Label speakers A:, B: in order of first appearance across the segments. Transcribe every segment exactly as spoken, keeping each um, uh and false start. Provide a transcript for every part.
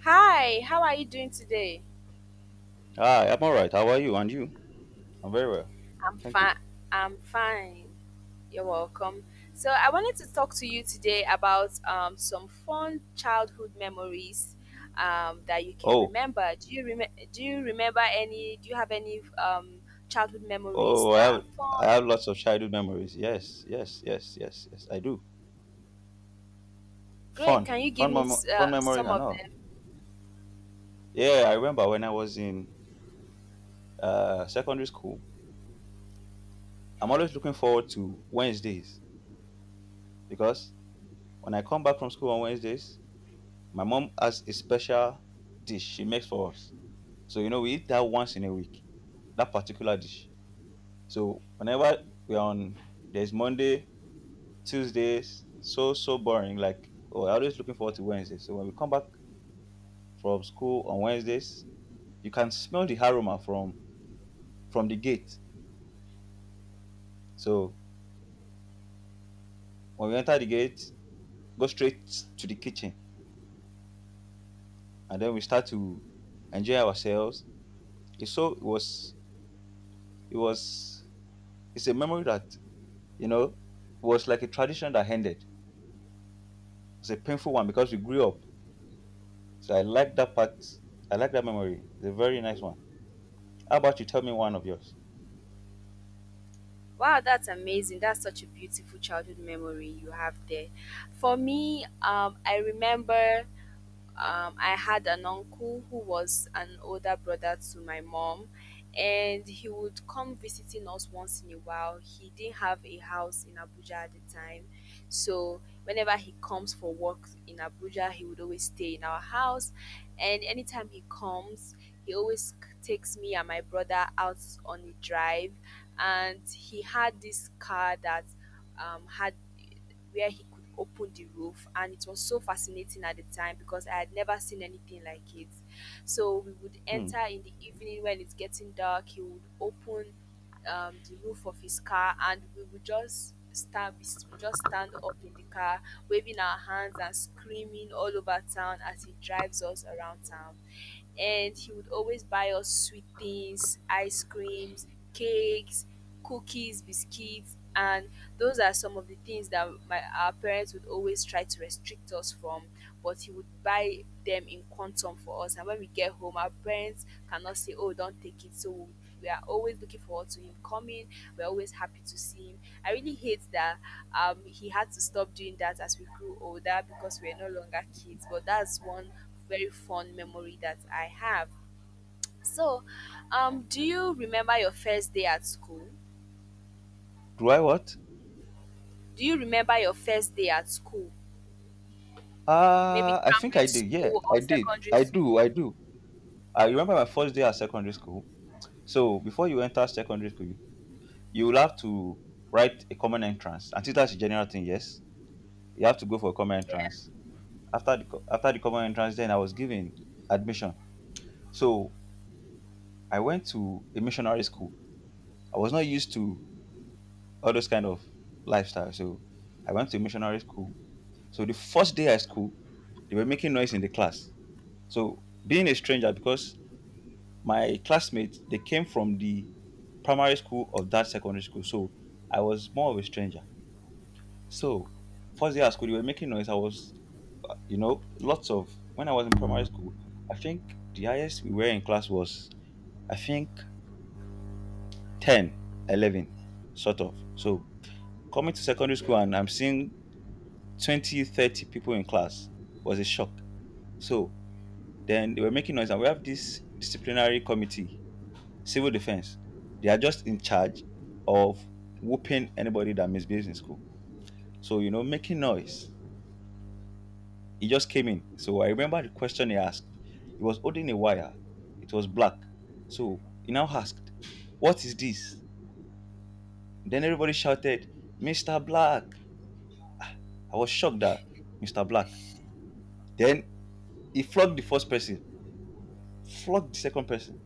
A: Hi, how are you doing today?
B: Hi, I'm all right. How are you? And you? I'm very well.
A: I'm
B: Thank you.
A: fine. I'm fine. You're welcome. So I wanted to talk to you today about um, some fun childhood memories um, that you can
B: Oh,
A: remember. Do you rem- Do you remember any? Do you have any um, childhood memories
B: oh, I
A: that
B: have,
A: are
B: I
A: fun?
B: have lots of childhood memories. Yes, yes, yes, yes, yes. I do.
A: Great.
B: Fun,
A: Can you give
B: fun,
A: me
B: mem-
A: s-
B: fun
A: uh,
B: memories
A: some
B: and
A: of
B: all.
A: them?
B: Yeah, I remember when I was in uh, secondary school. I'm always looking forward to Wednesdays because when I come back from school on Wednesdays, my mom has a special dish she makes for us. So you know we eat that once in a week. That particular dish. So whenever we're on, there's Monday. Tuesdays so so boring. Like, oh, I'm always looking forward to Wednesday. So when we come back from school on Wednesdays, you can smell the aroma from from the gate. So when we enter the gate, go straight to the kitchen, and then we start to enjoy ourselves. It's so it was it was it's a memory that you know was like a tradition that ended. It's a painful one because we grew up. So I like that part. I like that memory. It's a very nice one. How about you? Tell me one of yours.
A: Wow, that's amazing. That's such a beautiful childhood memory you have there. For me, um, I remember um, I had an uncle who was an older brother to my mom, and he would come visiting us once in a while. He didn't have a house in Abuja at the time, so whenever he comes for work in Abuja, he would always stay in our house. And anytime he comes, he always c- takes me and my brother out on a drive, and he had this car that um, had, where he could open the roof, and it was so fascinating at the time because I had never seen anything like it. So we would
B: Hmm.
A: enter in the evening when it's getting dark. He would open um, the roof of his car, and we would just stand we s- we just stand up in the car, waving our hands and screaming all over town as he drives us around town. And he would always buy us sweet things: ice creams, cakes, cookies, biscuits. And those are some of the things that my our parents would always try to restrict us from, but he would buy them in quantum for us. And when we get home, our parents cannot say, "Oh, don't take it." So we are always looking forward to him coming. We're always happy to see him. I really hate that um, he had to stop doing that as we grew older because we are no longer kids. But that's one very fond memory that I have. So, um, do you remember your first day at school?
B: Do I what?
A: Do you remember your first day at school? Maybe
B: Uh, I think
A: primary
B: I did. Yeah,
A: school or
B: I did.
A: secondary
B: I
A: school.
B: do. I do. I remember my first day at secondary school. So before you enter secondary school, you, you will have to write a common entrance. And that's a general thing. Yes, you have to go for a common entrance. After the co- after the common entrance, then I was given admission. So I went to a missionary school. I was not used to all those kind of lifestyle. So I went to a missionary school. So the first day at school, they were making noise in the class. So being a stranger, because my classmates, they came from the primary school of that secondary school, so I was more of a stranger. So first day at school, they were making noise. I was uh, you know lots of, when I was in primary school, I think the highest we were in class was, I think, ten, eleven, sort of. So coming to secondary school, and I'm seeing twenty, thirty people in class was a shock. So then they were making noise, and we have this disciplinary committee. Civil defense, they are just in charge of whooping anybody that misbehaves in school. So, you know, making noise. He just came in. So I remember the question he asked. He was holding a wire. It was black. So he now asked, "What is this?" Then everybody shouted, "mister Black." I was shocked that mister Black. Then he flogged the first person, flogged the second person.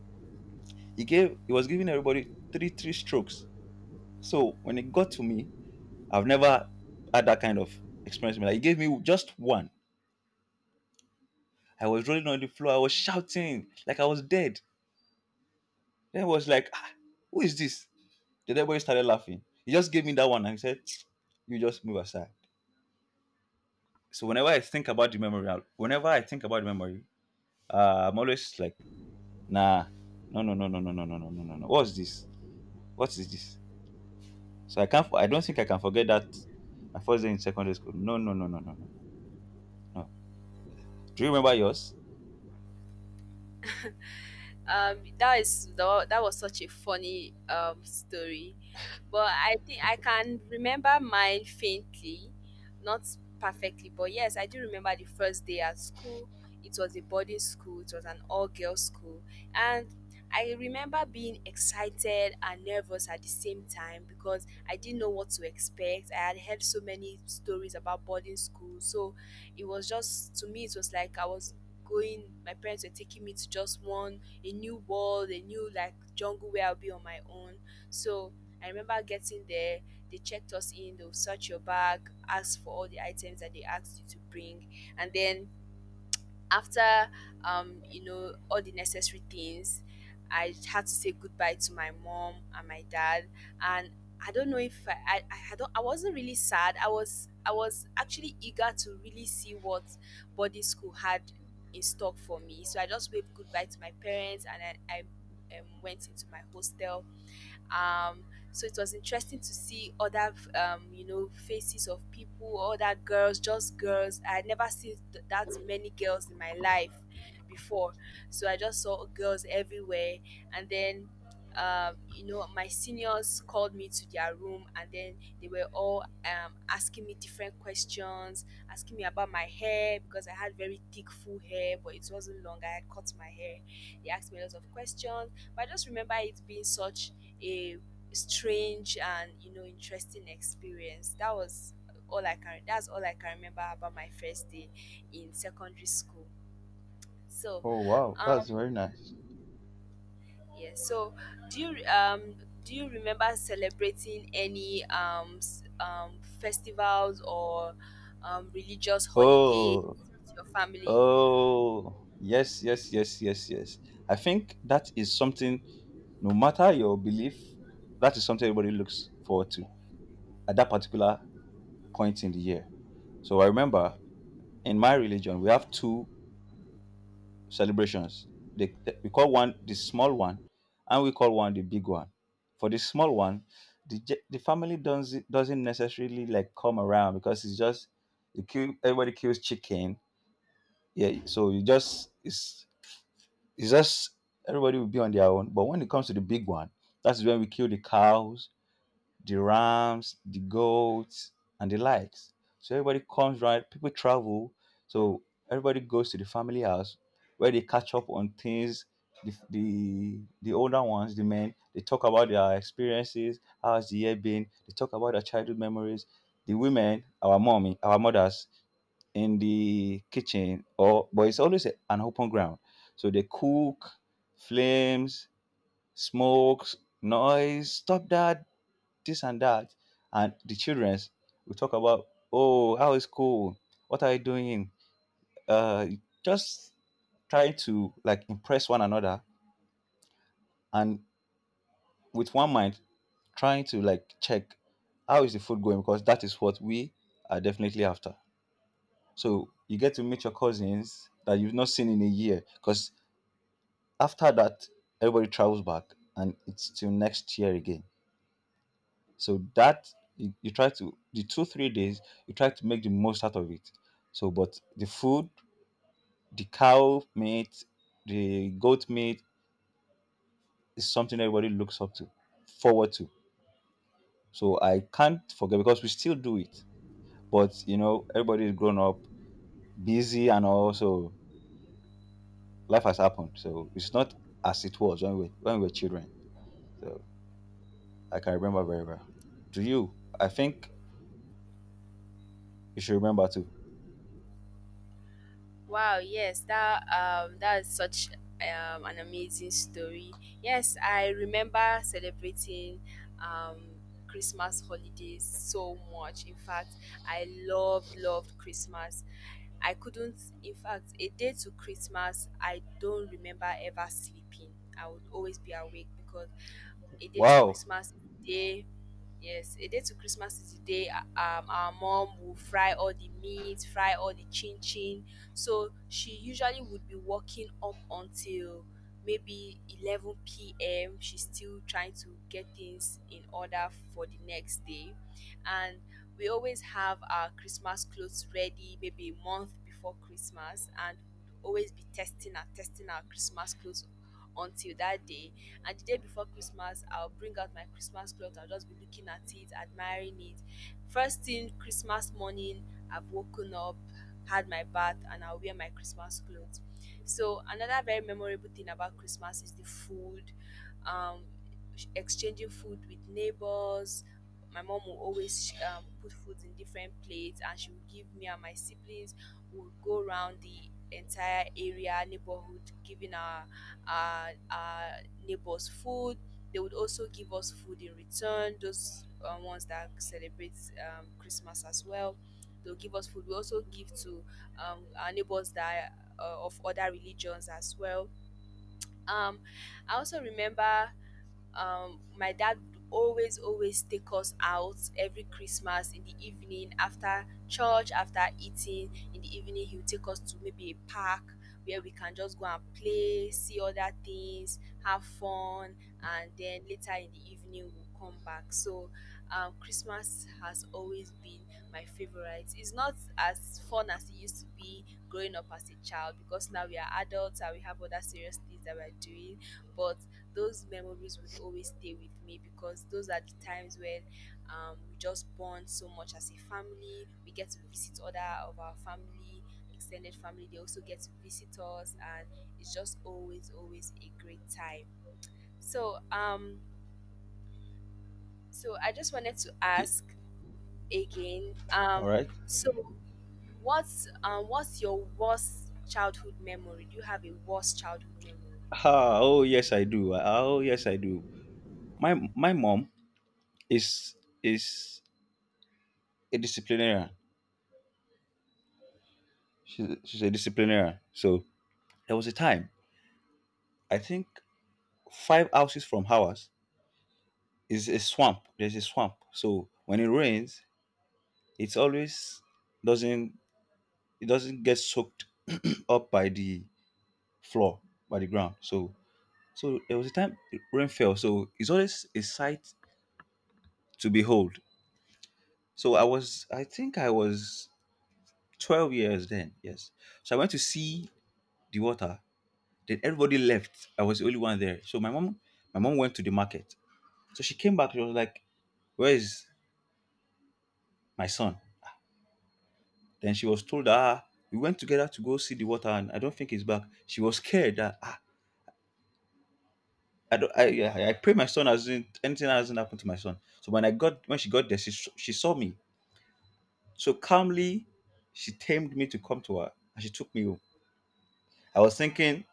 B: He gave he was giving everybody three three strokes. So when it got to me, I've never had that kind of experience. Like, he gave me just one. I was rolling on the floor. I was shouting like I was dead. Then I was like, ah, who is this? Then everybody started laughing. He just gave me that one, and he said, "You just move aside." So whenever I think about the memory, I'll- whenever I think about the memory, uh, I'm always like, nah, no, no, no, no, no, no, no, no, no, no, no. What's this? What is this? So I can't. I don't think I can forget that my first day in secondary school. No, no, no, no, no, no. no. Do you remember yours?
A: Um, that is the, that was such a funny um story. But I think I can remember mine faintly, not perfectly, but yes, I do remember the first day at school. It was a boarding school, it was an all girls school. And I remember being excited and nervous at the same time because I didn't know what to expect. I had heard so many stories about boarding school. So it was just, to me, it was like I was going, my parents were taking me to just one, a new world, a new, like, jungle where I'll be on my own. So I remember getting there, they checked us in, they'll search your bag, ask for all the items that they asked you to bring. And then after um, you know, all the necessary things, I had to say goodbye to my mom and my dad. And I don't know if I I, I I don't I wasn't really sad. I was I was actually eager to really see what boarding school had in stock for me. So I just waved goodbye to my parents, and I, I um, went into my hostel. um, so it was interesting to see other um, you know, faces of people, other girls. Just girls. I had never seen th- that many girls in my life before. So I just saw girls everywhere. And then um, you know, my seniors called me to their room, and then they were all um, asking me different questions, asking me about my hair because I had very thick full hair, but it wasn't long. I had cut my hair. They asked me lots of questions, but I just remember it being such a strange and, you know, interesting experience. That was all I can. That's all I can remember about my first day in secondary school. So,
B: Oh, wow, that's
A: um,
B: very nice.
A: yeah. So, do you um do you remember celebrating any um s- um festivals or um religious holidays
B: Oh,
A: with your family?
B: oh, yes, yes, yes, yes, yes. I think that is something, no matter your belief, that is something everybody looks forward to at that particular point in the year. So I remember in my religion, we have two celebrations. They, they- we call one the small one, and we call one the big one. For the small one, the, ge- the family doesn't, doesn't necessarily like come around because it's just you kill, everybody kills chicken. Yeah, so you just it's It's just everybody will be on their own. But when it comes to the big one, that's when we kill the cows, the rams, the goats, and the likes. So everybody comes, right, people travel. So everybody goes to the family house where they catch up on things. The, the the older ones, the men, they talk about their experiences, how's the year been, they talk about their childhood memories. The women, our mommy, our mothers, in the kitchen, or but it's always a- an open ground, so they cook, flames, smokes, noise, stop that, this and that, and the childrens will talk about, oh, how is cool, what are you doing, uh just trying to like impress one another, and with one mind trying to like check how is the food going, because that is what we are definitely after. So you get to meet your cousins that you've not seen in a year, because after that, everybody travels back, and it's till next year again. So that you, you try to the two three days, you try to make the most out of it. So but the food, the cow meat, the goat meat is something everybody looks up to, forward to. So I can't forget because we still do it. But you know, everybody is grown up, busy, and also life has happened. So it's not as it was when we when we were children. So I can remember very well. Do you? I think you should remember too.
A: Wow, yes, that um that's such um an amazing story. Yes, I remember celebrating um Christmas holidays so much. In fact, I loved loved Christmas. I couldn't In fact, a day to Christmas, I don't remember ever sleeping. I would always be awake because a day to
B: Wow.
A: Christmas is the day. Yes, a day to Christmas is the day. uh, um, our mom will fry all the meat, fry all the chin chin. So she usually would be working up until maybe eleven p m. She's still trying to get things in order for the next day. And we always have our Christmas clothes ready maybe a month before Christmas, and would always be testing and testing our Christmas clothes until that day. And the day before Christmas, I'll bring out my Christmas cloth. I'll just be looking at it, admiring it. First thing Christmas morning, I've woken up, had my bath, and I'll wear my Christmas clothes. So another very memorable thing about Christmas is the food, um, exchanging food with neighbors. My mom will always um, put food in different plates, and she will give me and my siblings. We'll go around the entire area, neighborhood, giving our, our, our neighbors food. They would also give us food in return. Those uh, ones that celebrate um, Christmas as well, they'll give us food. We also give to um, our neighbors that are, uh, of other religions as well. Um, I also remember um my dad would always always take us out every Christmas in the evening. After church, after eating, in the evening he would take us to maybe a park where we can just go and play, see other things, have fun. And then later in the evening we'll come back. So um Christmas has always been my favorite. It's not as fun as it used to be growing up as a child, because now we are adults and we have other serious things that we're doing. But those memories would always stay with me, because those are the times when um, we just bond so much as a family. We get to visit other of our family, extended family. They also get to visit us, and it's just always, always a great time. So, um, so I just wanted to
B: Ye-
A: ask again.
B: all
A: Um,
B: right.
A: so what's um, what's your worst childhood memory? Do you have a worst childhood memory?
B: Ah, oh, yes, I do. Ah, oh, yes, I do. My my mom is is a disciplinarian. She's she's a disciplinarian. So there was a time, I think, five houses from ours is a swamp. There's a swamp. So when it rains, it's always doesn't it doesn't get soaked up by the floor, by the ground. So so there was a time rain fell. So it's always a sight to behold. So I was, I think I was twelve years then, yes. So I went to see the water. Then everybody left. I was the only one there. So my mom, my mom went to the market. So she came back. She was like, "Where is my son?" Then she was told, "Ah, we went together to go see the water, and I don't think he's back." She was scared that ah, I don't, I, I, I pray my son hasn't anything hasn't happened to my son. So when I got when she got there, she s- she saw me. So calmly, she tamed me to come to her, and she took me home. I was thinking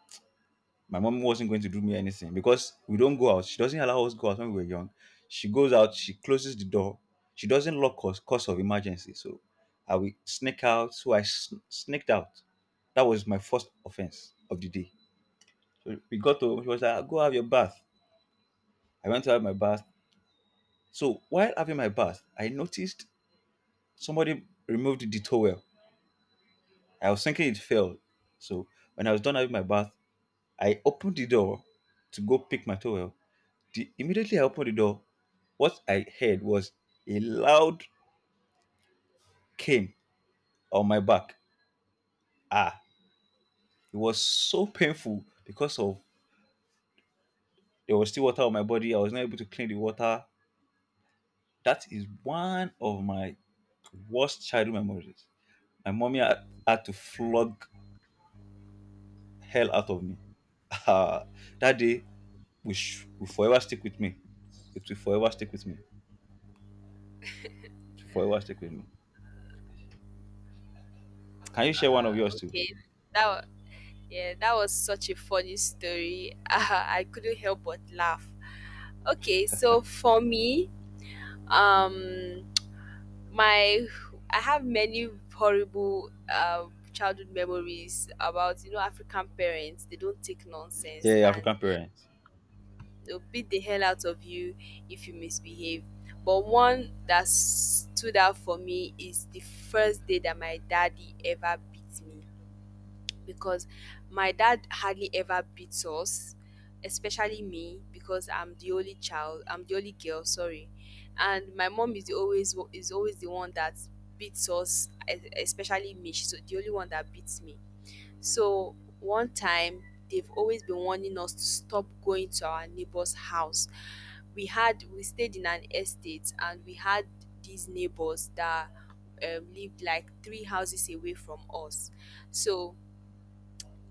B: my mom wasn't going to do me anything because we don't go out. She doesn't allow us to go out when we were young. She goes out, she closes the door. She doesn't lock us cause of emergency. So I will sneak out. So I sn- sneaked out. That was my first offense of the day. So we got to, she was like, go have your bath. I went to have my bath. So while having my bath, I noticed somebody removed the towel. I was thinking it fell. So when I was done having my bath, I opened the door to go pick my towel. The, immediately I opened the door, what I heard was a loud cane on my back. Ah, it was so painful because of there was still water on my body. I was not able to clean the water. That is one of my worst childhood memories. My mommy had, had to flog hell out of me. Ah, that day will, sh- will forever stick with me. It will forever stick with me. It will forever stick with me. Can you share one of
A: Uh,
B: yours too?
A: okay, that wa- yeah, that was such a funny story. I couldn't help but laugh. Okay, so for me, um, my I have many horrible uh, childhood memories about, you know, African parents. They don't take
B: Yeah,
A: nonsense,
B: yeah,
A: and
B: African parents.
A: they'll beat the hell out of you if you misbehave. But one that stood out for me is the first day that my daddy ever beat me, because my dad hardly ever beats us, especially me, because I'm the only child. I'm the only girl. Sorry, and my mom is the always is always the one that beats us, e- especially me. She's the only one that beats me. So one time, they've always been warning us to stop going to our neighbor's house. We had we stayed in an estate, and we had these neighbors that um, lived like three houses away from us. So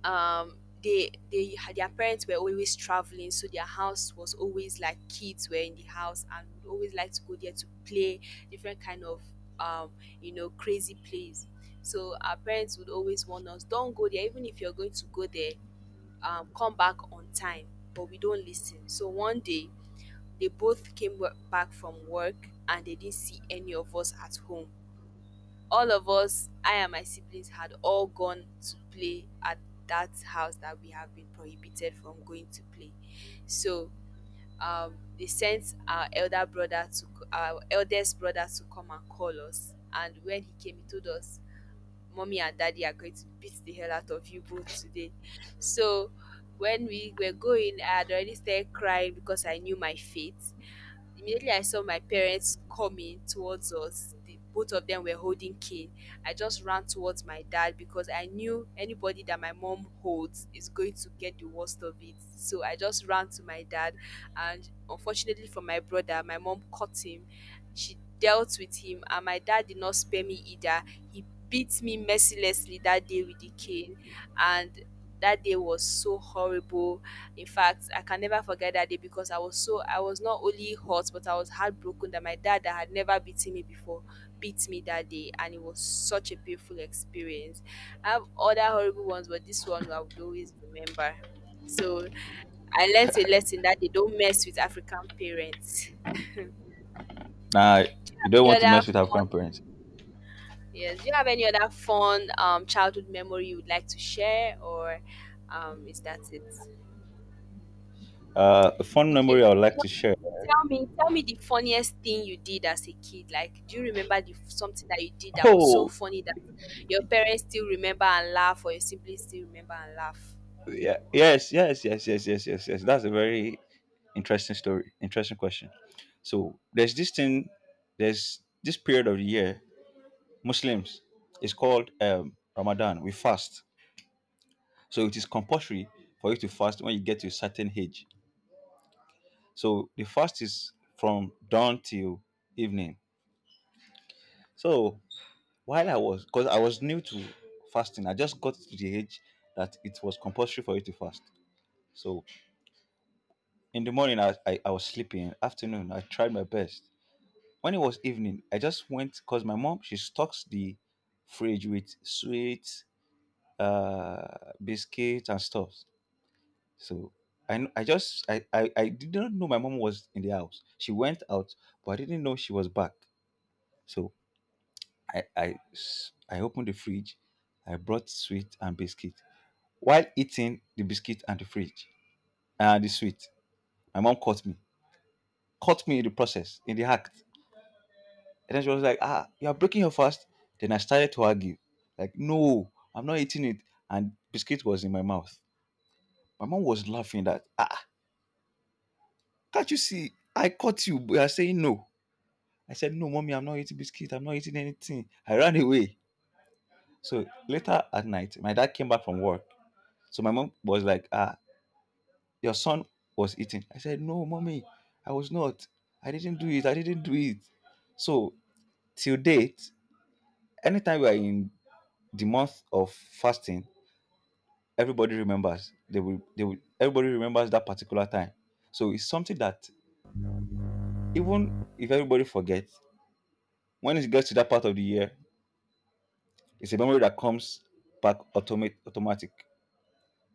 A: um they they had, their parents were always traveling, so their house was always like kids were in the house, and would always like to go there to play different kind of um you know, crazy plays. So our parents would always warn us, don't go there. Even if you're going to go there, um come back on time. But we don't listen. So one day they both came wo- back from work, and they didn't see any of us at home. All of us, I and my siblings, had all gone to play at that house that we have been prohibited from going to play. So um, they sent our elder brother to c- our eldest brother to come and call us. And when he came, he told us, mommy and daddy are going to beat the hell out of you both today. So when we were going, I had already started crying because I knew my fate. Immediately I saw my parents coming towards us. The, both of them were holding cane. I just ran towards my dad because I knew anybody that my mom holds is going to get the worst of it. So I just ran to my dad, and unfortunately for my brother, my mom caught him. She dealt with him, and my dad did not spare me either. He beat me mercilessly that day with the cane, and that day was so horrible. In fact, I can never forget that day because I was so I was not only hurt, but I was heartbroken that my dad, that had never beaten me before, beat me that day, and it was such a painful experience. I have other horrible ones, but this one I would always remember. So I learned a lesson that they don't mess with African parents.
B: Now,
A: Do you
B: you
A: have
B: don't
A: any
B: want to
A: other
B: mess with African
A: fun
B: parents.
A: Yes. Do you have any other fun um, childhood memory you would like to share, or um, is that it?
B: Uh, a fun
A: Okay.
B: memory I would
A: You
B: like
A: know what?
B: to share.
A: tell me, tell me the funniest thing you did as a kid. Like, do you remember the something that you did that was so
B: Oh,
A: funny that your parents still remember and laugh, or your siblings still remember and laugh?
B: yeah, yes, yes, yes, yes, yes, yes, yes. That's a very interesting story. Interesting question. So there's this thing. There's this period of the year, Muslims. It's called um, Ramadan. We fast. So it is compulsory for you to fast when you get to a certain age. So the fast is from dawn till evening. So while I was, because I was new to fasting, I just got to the age that it was compulsory for you to fast. So in the morning, I, I, I was sleeping. Afternoon, I tried my best. When it was evening, I just went because my mom, she stocks the fridge with sweets, uh, biscuits and stuff. So I kn- I just I, I I did not know my mom was in the house. She went out, but I didn't know she was back. So I I s- I opened the fridge. I brought sweet and biscuit. While eating the biscuit and the fridge and the sweet, my mom caught me. Caught me in the process, in the act. And then she was like, "Ah, you are breaking your fast." Then I started to argue. Like, no, I'm not eating it. And biscuit was in my mouth. My mom was laughing that, ah, can't you see? I caught you. But you are saying no. I said, "No, mommy, I'm not eating biscuit. I'm not eating anything." I ran away. So later at night, my dad came back from work. So my mom was like, ah, your son was eating. I said, "No, mommy, I was not. I didn't do it. I didn't do it." So till date, anytime we are in the month of fasting, everybody remembers. They will they will everybody remembers that particular time. So it's something that even if everybody forgets, when it gets to that part of the year, it's a memory that comes back automate automatic.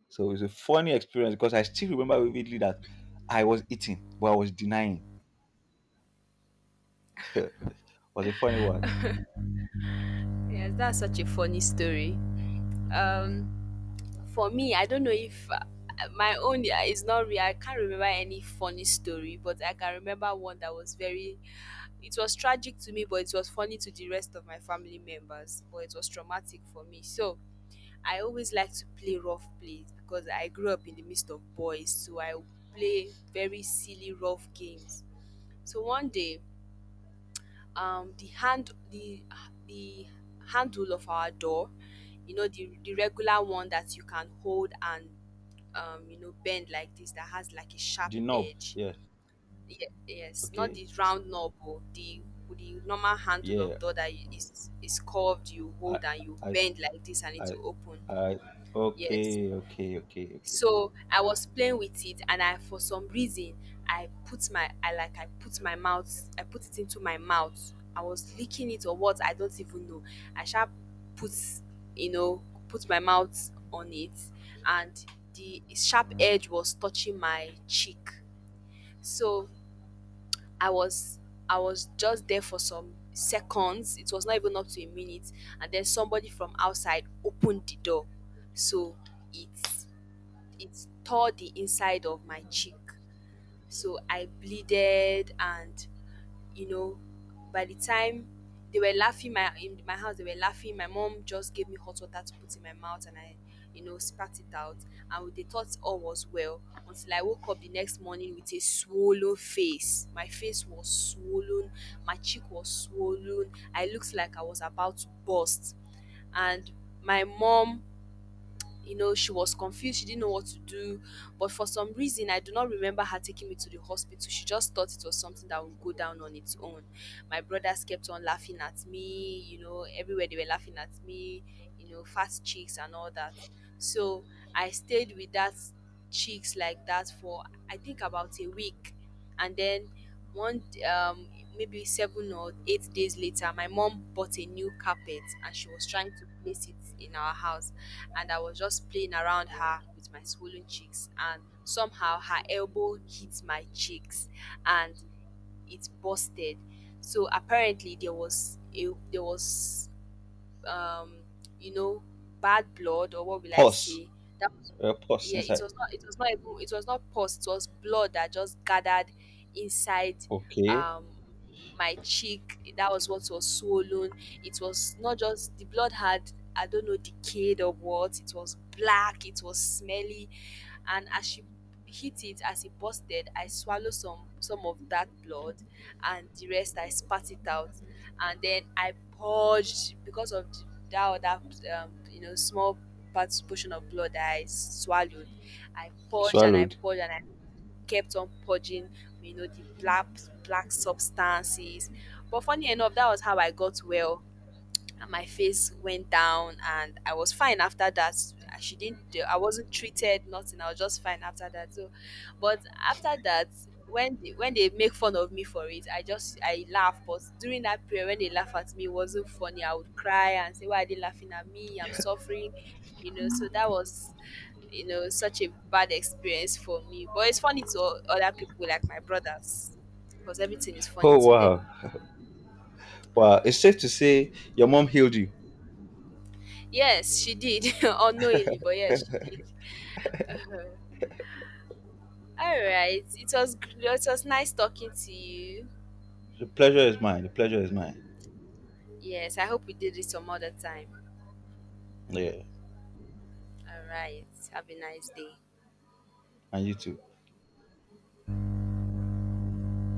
B: So it's a funny experience because I still remember vividly that I was eating, but I was denying. Was a funny word.
A: Yes, that's such a funny story. Um, For me, I don't know if uh, my own uh, is not real. I can't remember any funny story, but I can remember one that was very. It was tragic to me, but it was funny to the rest of my family members. But it was traumatic for me. So I always like to play rough plays because I grew up in the midst of boys, so I play very silly rough games. So one day um the hand the the handle of our door, you know, the the regular one that you can hold and um you know, bend like this, that has like a sharp
B: Denob.
A: edge.
B: Yeah.
A: Ye- yes not
B: Okay.
A: the round knob or the the normal handle
B: Yeah.
A: of door that you- is is curved, you
B: I
A: hold and you
B: I
A: bend like this and it
B: I
A: will open.
B: I
A: Yes,
B: Okay, okay, okay, okay.
A: so I was playing with it and I for some reason, I put my I like I put my mouth, I put it into my mouth. I was licking it or what, I don't even know. I sharp, put, you know, put my mouth on it, and the sharp edge was touching my cheek. So I was, I was just there for some seconds, it was not even up to a minute, and then somebody from outside opened the door. So it it tore the inside of my cheek. So I bleeded and, you know, by the time they were laughing, my in my house, they were laughing. My mom just gave me hot water to put in my mouth, and I, you know, spat it out. And they thought all was well until I woke up the next morning with a swollen face. My face was swollen, my cheek was swollen. I looked like I was about to burst. And my mom, you know, she was confused. She didn't know what to do. But for some reason, I do not remember her taking me to the hospital. She just thought it was something that would go down on its own. My brothers kept on laughing at me, you know, everywhere they were laughing at me, you know, fast cheeks and all that. So I stayed with that cheeks like that for, I think, about a week. And then one um maybe seven or eight days later, my mom bought a new carpet and she was trying to place it in our house, and I was just playing around her with my swollen cheeks, and somehow her elbow hit my cheeks and it busted. So apparently there was a there was um, you know, bad blood, or what will I
B: Pause.
A: say? That was,
B: Uh, pause
A: yeah, it
B: inside.
A: was not, it was not even, it was not pus, it was blood that just gathered inside
B: Okay.
A: um my cheek. That was what was swollen. It was not just, the blood had, I don't know, decayed or what. It was black, it was smelly. And as she hit it, as it busted, I swallowed some some of that blood and the rest I spat it out, and then I purged because of the, that other um, you know, small part portion of blood that I swallowed. I purged and I
B: Swallowed.
A: purged and I kept on purging, you know, the black black substances. But funny enough, that was how I got well and my face went down and I was fine after that. I- She didn't do- I wasn't treated nothing. I was just fine after that. So but after that, when they, when they make fun of me for it, I just, I laugh. But during that period when they laugh at me, it wasn't funny. I would cry and say, "Why are they laughing at me? I'm suffering," you know. So that was, you know, such a bad experience for me. But it's funny to o- other people like my brothers because everything is funny
B: Oh,
A: to
B: wow.
A: them.
B: Wow. It's safe to say your mom healed you.
A: Yes, she did unknowingly, but yes, she did. All right. It was gr- it was nice talking to you.
B: The pleasure is mine. The pleasure is mine.
A: Yes, I hope we did it some other time.
B: Yeah.
A: All right. Have a nice day.
B: And you too.